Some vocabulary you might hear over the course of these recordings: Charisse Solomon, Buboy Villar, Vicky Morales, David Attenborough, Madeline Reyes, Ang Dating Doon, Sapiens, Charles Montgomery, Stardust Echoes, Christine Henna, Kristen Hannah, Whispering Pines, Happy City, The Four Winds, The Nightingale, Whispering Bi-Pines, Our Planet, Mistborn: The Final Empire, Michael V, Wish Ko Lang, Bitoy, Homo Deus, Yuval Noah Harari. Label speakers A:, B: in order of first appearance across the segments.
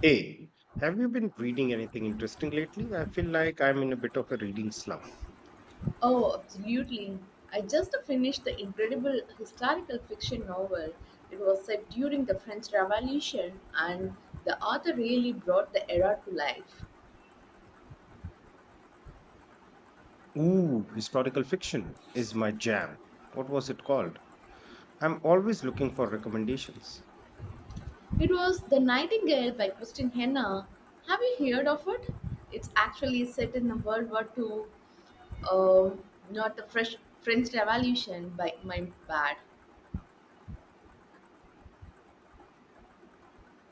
A: Hey, have you been reading anything interesting lately? I feel like I'm in a bit of a reading slump.
B: Oh, absolutely. I just finished the incredible historical fiction novel. It was set during the French Revolution, and the author really brought the era to life.
A: Ooh, historical fiction is my jam. What was it called? I'm always looking for recommendations.
B: It was The Nightingale by Christine Henna. Have you heard of it? It's actually set in the World War Two, um, not the fresh French Revolution, by my bad.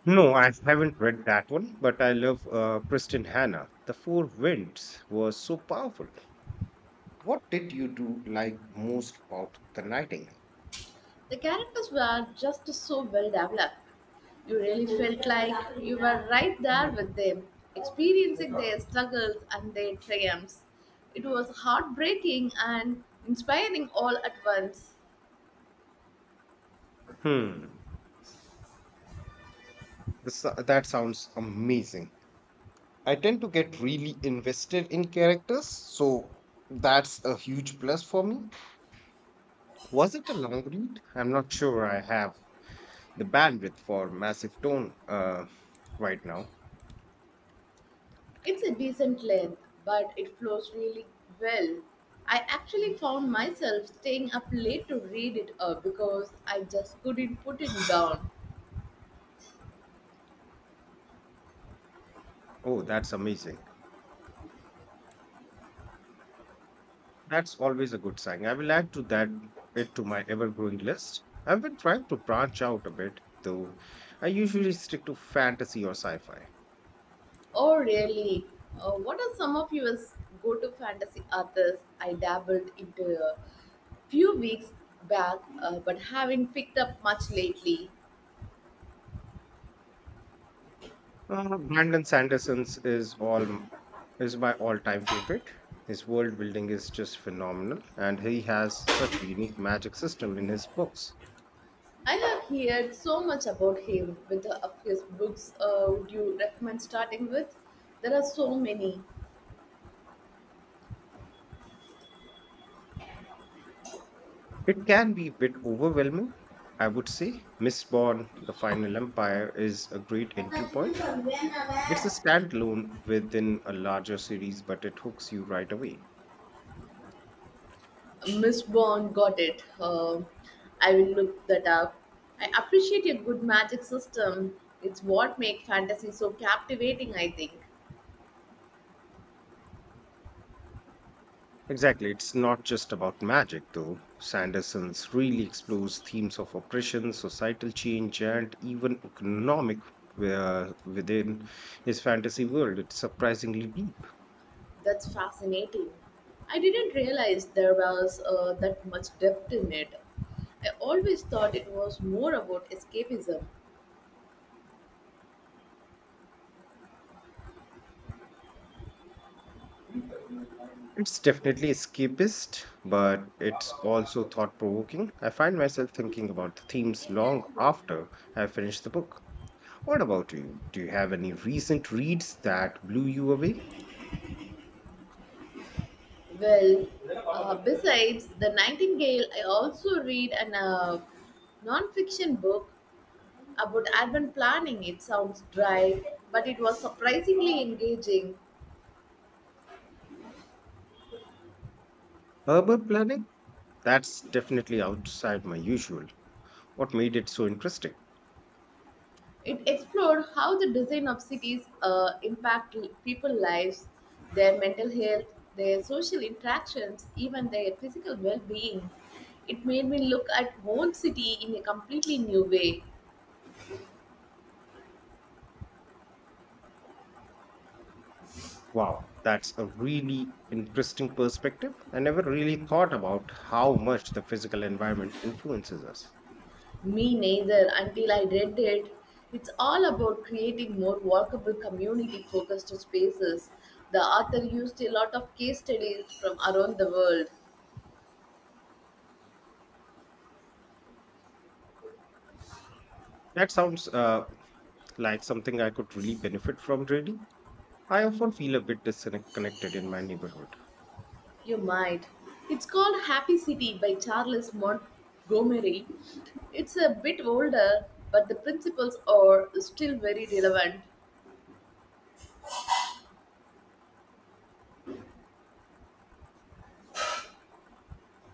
A: No, I haven't read that one, but I love Kristen Hannah. The Four Winds was so powerful. What did you do like most about the writing?
B: The characters were just so well developed. You really felt like you were right there with them, experiencing their struggles and their triumphs. It was heartbreaking and inspiring all at once.
A: Hmm, that sounds amazing. I tend to get really invested in characters, so that's a huge plus for me. Was it a long read? I'm not sure I have the bandwidth for massive tone right now.
B: It's a decent length, but it flows really well. I actually found myself staying up late to read it because I just couldn't put it down.
A: Oh, that's amazing. That's always a good sign. I will add to that it to my ever-growing list. I've been trying to branch out a bit, though. I usually stick to fantasy or sci-fi.
B: Oh, really? What are some of your go to fantasy authors? I dabbled into a few weeks back, but haven't picked up much lately.
A: Brandon Sanderson's is all m- is my all-time favorite. His world building is just phenomenal, and he has such a unique magic system in his books.
B: I have heard so much about him with of his books. Would you recommend starting with? There are so many.
A: It can be a bit overwhelming, I would say. Mistborn: The Final Empire is a great entry point. It's a standalone within a larger series, but it hooks you right away.
B: Miss Bond got it. I will look that up. I appreciate a good magic system. It's what makes fantasy so captivating, I think.
A: Exactly. It's not just about magic, though. Sanderson's really explores themes of oppression, societal change, and even economic within his fantasy world. It's surprisingly deep.
B: That's fascinating. I didn't realize there was that much depth in it. I always thought it was more about escapism.
A: It's definitely escapist, but it's also thought provoking. I find myself thinking about the themes long after I finish the book. What about you? Do you have any recent reads that blew you away?
B: Well, besides The Nightingale, I also read a non fiction book about urban planning. It sounds dry, but it was surprisingly engaging.
A: Urban planning? That's definitely outside my usual. What made it so interesting?
B: It explored how the design of cities people's lives, their mental health, their social interactions, even their physical well-being. It made me look at whole city in a completely new way.
A: Wow, that's a really interesting perspective. I never really thought about how much the physical environment influences us.
B: Me neither until I read it. It's all about creating more workable community-focused spaces. The author used a lot of case studies from around the world.
A: That sounds like something I could really benefit from, really. I often feel a bit disconnected in my neighborhood.
B: You might. It's called Happy City by Charles Montgomery. It's a bit older, but the principles are still very relevant.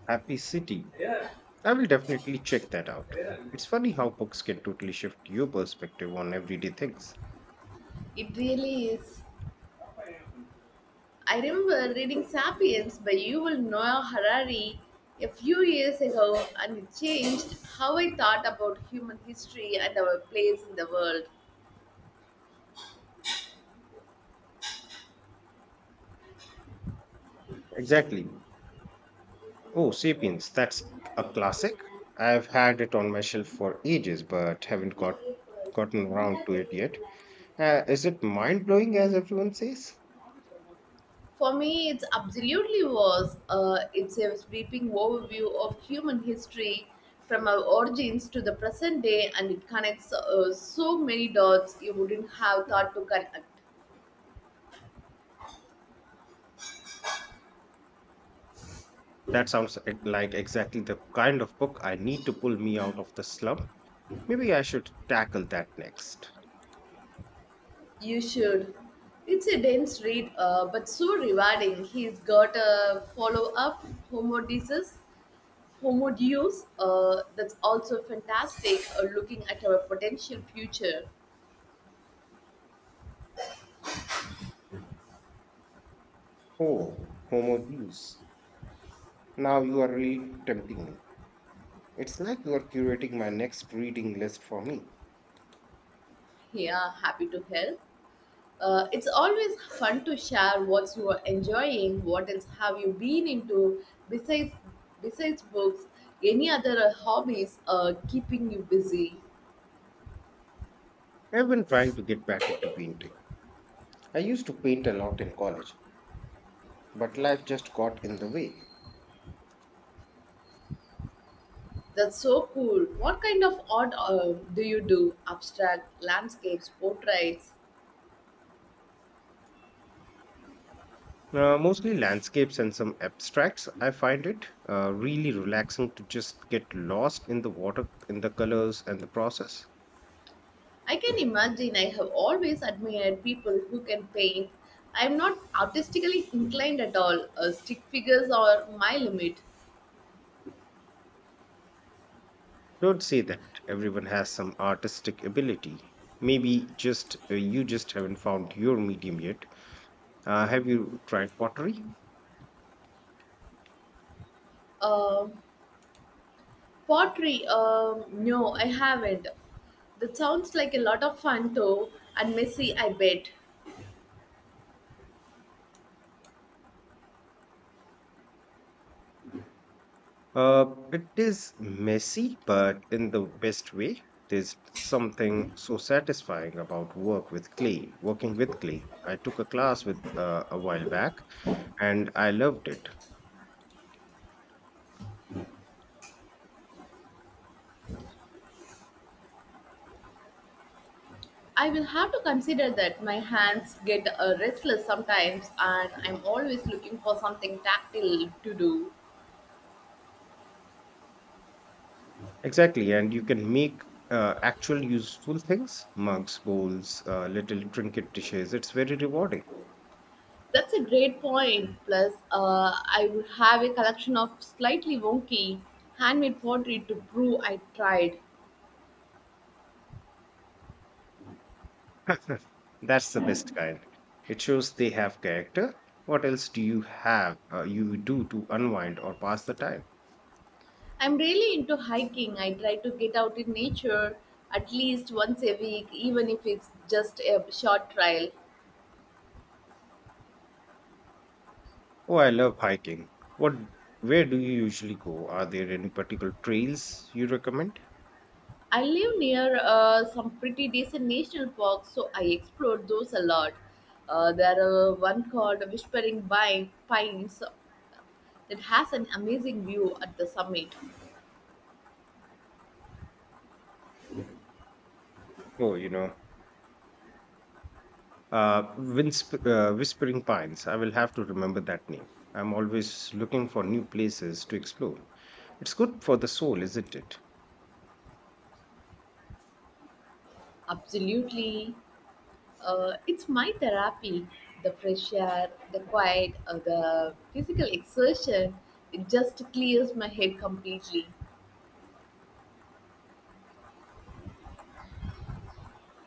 A: Happy city, I will definitely check that out. It's funny how books can totally shift your perspective on everyday things.
B: It really is. I remember reading Sapiens by Yuval Noah Harari a few years ago, and it changed how I thought about human history and our place in the world.
A: Exactly. Oh, Sapiens, that's a classic. I've had it on my shelf for ages, but haven't got gotten around to it yet. Is it mind blowing, as everyone says?
B: For me, it's absolutely was. It's a sweeping overview of human history from our origins to the present day, and it connects so many dots you wouldn't have thought to connect.
A: That sounds like exactly the kind of book I need to pull me out of the slump. Maybe I should tackle that next.
B: You should. It's a dense read, but so rewarding. He's got a follow up, Homo Deus, Homo Deus, that's also fantastic, looking at our potential future.
A: Oh, Homo Deus. Now you are really tempting me. It's like you are curating my next reading list for me.
B: Yeah, happy to help. It's always fun to share what you are enjoying. What else have you been into besides besides books? Any other hobbies keeping you busy?
A: I've been trying to get back into painting. I used to paint a lot in college, but life just got in the way.
B: That's so cool. What kind of art do you do? Abstract, landscapes, portraits.
A: Mostly landscapes and some abstracts. I find it really relaxing to just get lost in the water, in the colors, and the process.
B: I can imagine. I have always admired people who can paint. I am not artistically inclined at all. Stick figures are my limit.
A: Don't say that, everyone has some artistic ability. Maybe just you just haven't found your medium yet. Have you tried pottery?
B: Um Pottery, no, I haven't. That sounds like a lot of fun though, and messy, I bet.
A: Uh, it is messy, but in the best way. There's something so satisfying about working with clay. I took a class with a while back and I loved it.
B: I will have to consider that my hands get restless sometimes, and I'm always looking for something tactile to do.
A: Exactly, and you can make actual useful things, mugs, bowls, little trinket dishes. It's very rewarding.
B: That's a great point. Plus, I would have a collection of slightly wonky handmade pottery to prove I tried.
A: That's the best kind. It shows they have character. What else do you do to unwind or pass the time?
B: I'm really into hiking. I try to get out in nature at least once a week, even if it's just a short trail.
A: Oh, I love hiking. What Where do you usually go? Are there any particular trails you recommend?
B: I live near some pretty decent national parks, so I explore those a lot. There are one called Pines that has an amazing view at the summit.
A: Oh, you know, Whispering Pines. I will have to remember that name. I'm always looking for new places to explore. It's good for the soul, isn't it?
B: Absolutely. It's my therapy. The fresh air, the quiet, the physical exertion, it just clears my head completely.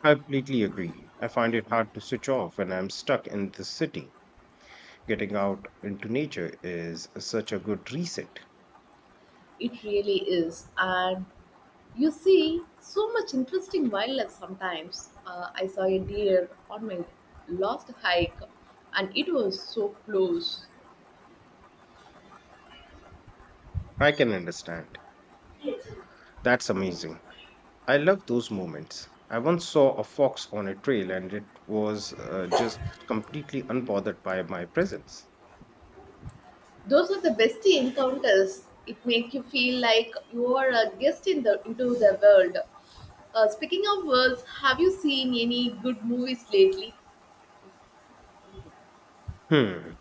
A: I completely agree. I find it hard to switch off when I'm stuck in the city. Getting out into nature is such a good reset.
B: It really is. And you see so much interesting wildlife sometimes. I saw a deer on my last hike and it was so close.
A: I can understand. That's amazing. I love those moments. I once saw a fox on a trail and it was just completely unbothered by my presence.
B: Those are the best encounters. It makes you feel like you are a guest in the into the world. Speaking of worlds, have you seen any good movies lately?
A: Hmm.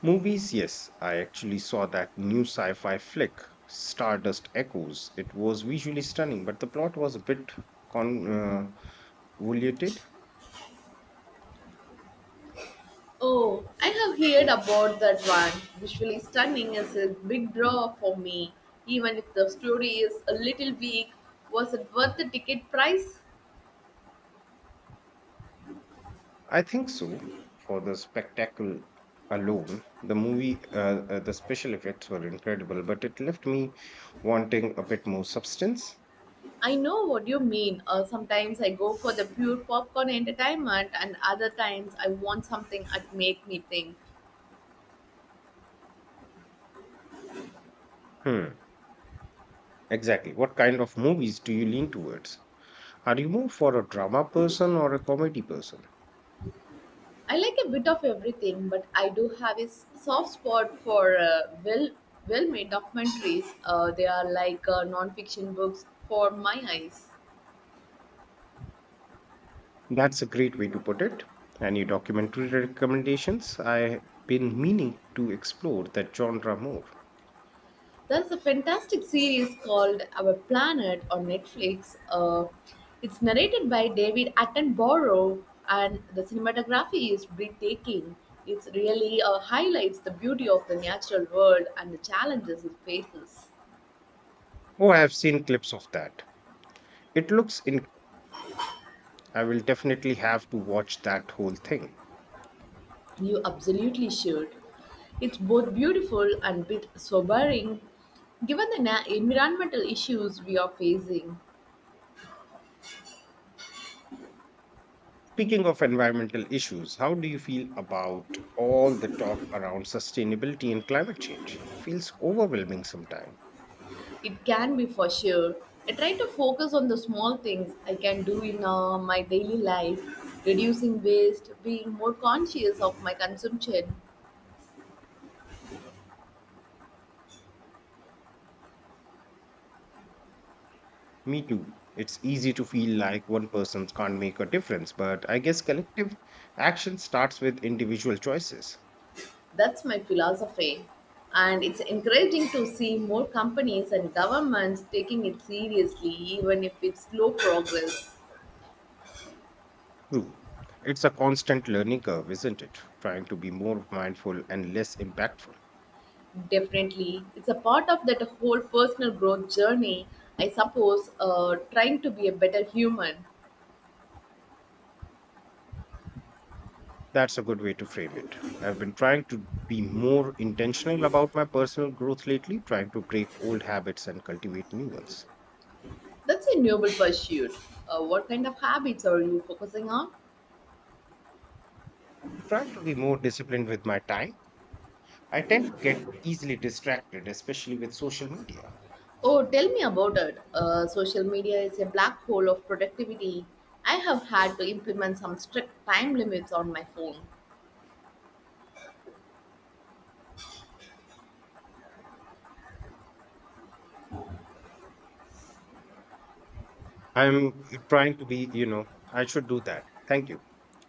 A: Movies, yes, I actually saw that new sci fi flick, Stardust Echoes. It was visually stunning, but the plot was a bit con- uh, convoluted.
B: Oh, I have heard about that one. Visually stunning is a big draw for me. Even if the story is a little weak, was it worth the ticket price?
A: I think so, for the spectacle alone. The the special effects were incredible, but it left me wanting a bit more substance.
B: I know what you mean. Sometimes I go for the pure popcorn entertainment, and other times I want something that make me think.
A: Hmm, exactly. What kind of movies do you lean towards? Are you more for a drama person or a comedy person?
B: I like a bit of everything, but I do have a soft spot for well made documentaries. They are like non fiction books for my eyes.
A: That's a great way to put it. Any documentary recommendations? I've been meaning to explore that genre more.
B: There's a fantastic series called Our Planet on Netflix. It's narrated by David Attenborough, and the cinematography is breathtaking. It really highlights the beauty of the natural world and the challenges it faces.
A: Oh, I've seen clips of that. It looks in. I will definitely have to watch that whole thing.
B: You absolutely should. It's both beautiful and bit sobering given the environmental issues we are facing.
A: Speaking of environmental issues, how do you feel about all the talk around sustainability and climate change? Feels overwhelming sometimes.
B: It can be for sure. I try to focus on the small things I can do in my daily life, reducing waste, being more conscious of my consumption.
A: Me too. It's easy to feel like one person can't make a difference, but I guess collective action starts with individual choices.
B: That's my philosophy. And it's encouraging to see more companies and governments taking it seriously, even if it's slow progress.
A: True. It's a constant learning curve, isn't it? Trying to be more mindful and less impactful.
B: Definitely. It's a part of that whole personal growth journey, I suppose, trying to be a better human.
A: That's a good way to frame it. I've been trying to be more intentional about my personal growth lately, trying to break old habits and cultivate new ones.
B: That's a noble pursuit. What kind of habits are you focusing on?
A: I'm trying to be more disciplined with my time. I tend to get easily distracted, especially with social media.
B: Oh, tell me about it. Social media is a black hole of productivity. I have had to implement some strict time limits on my phone.
A: I'm trying to be, you know, I should do that. Thank you.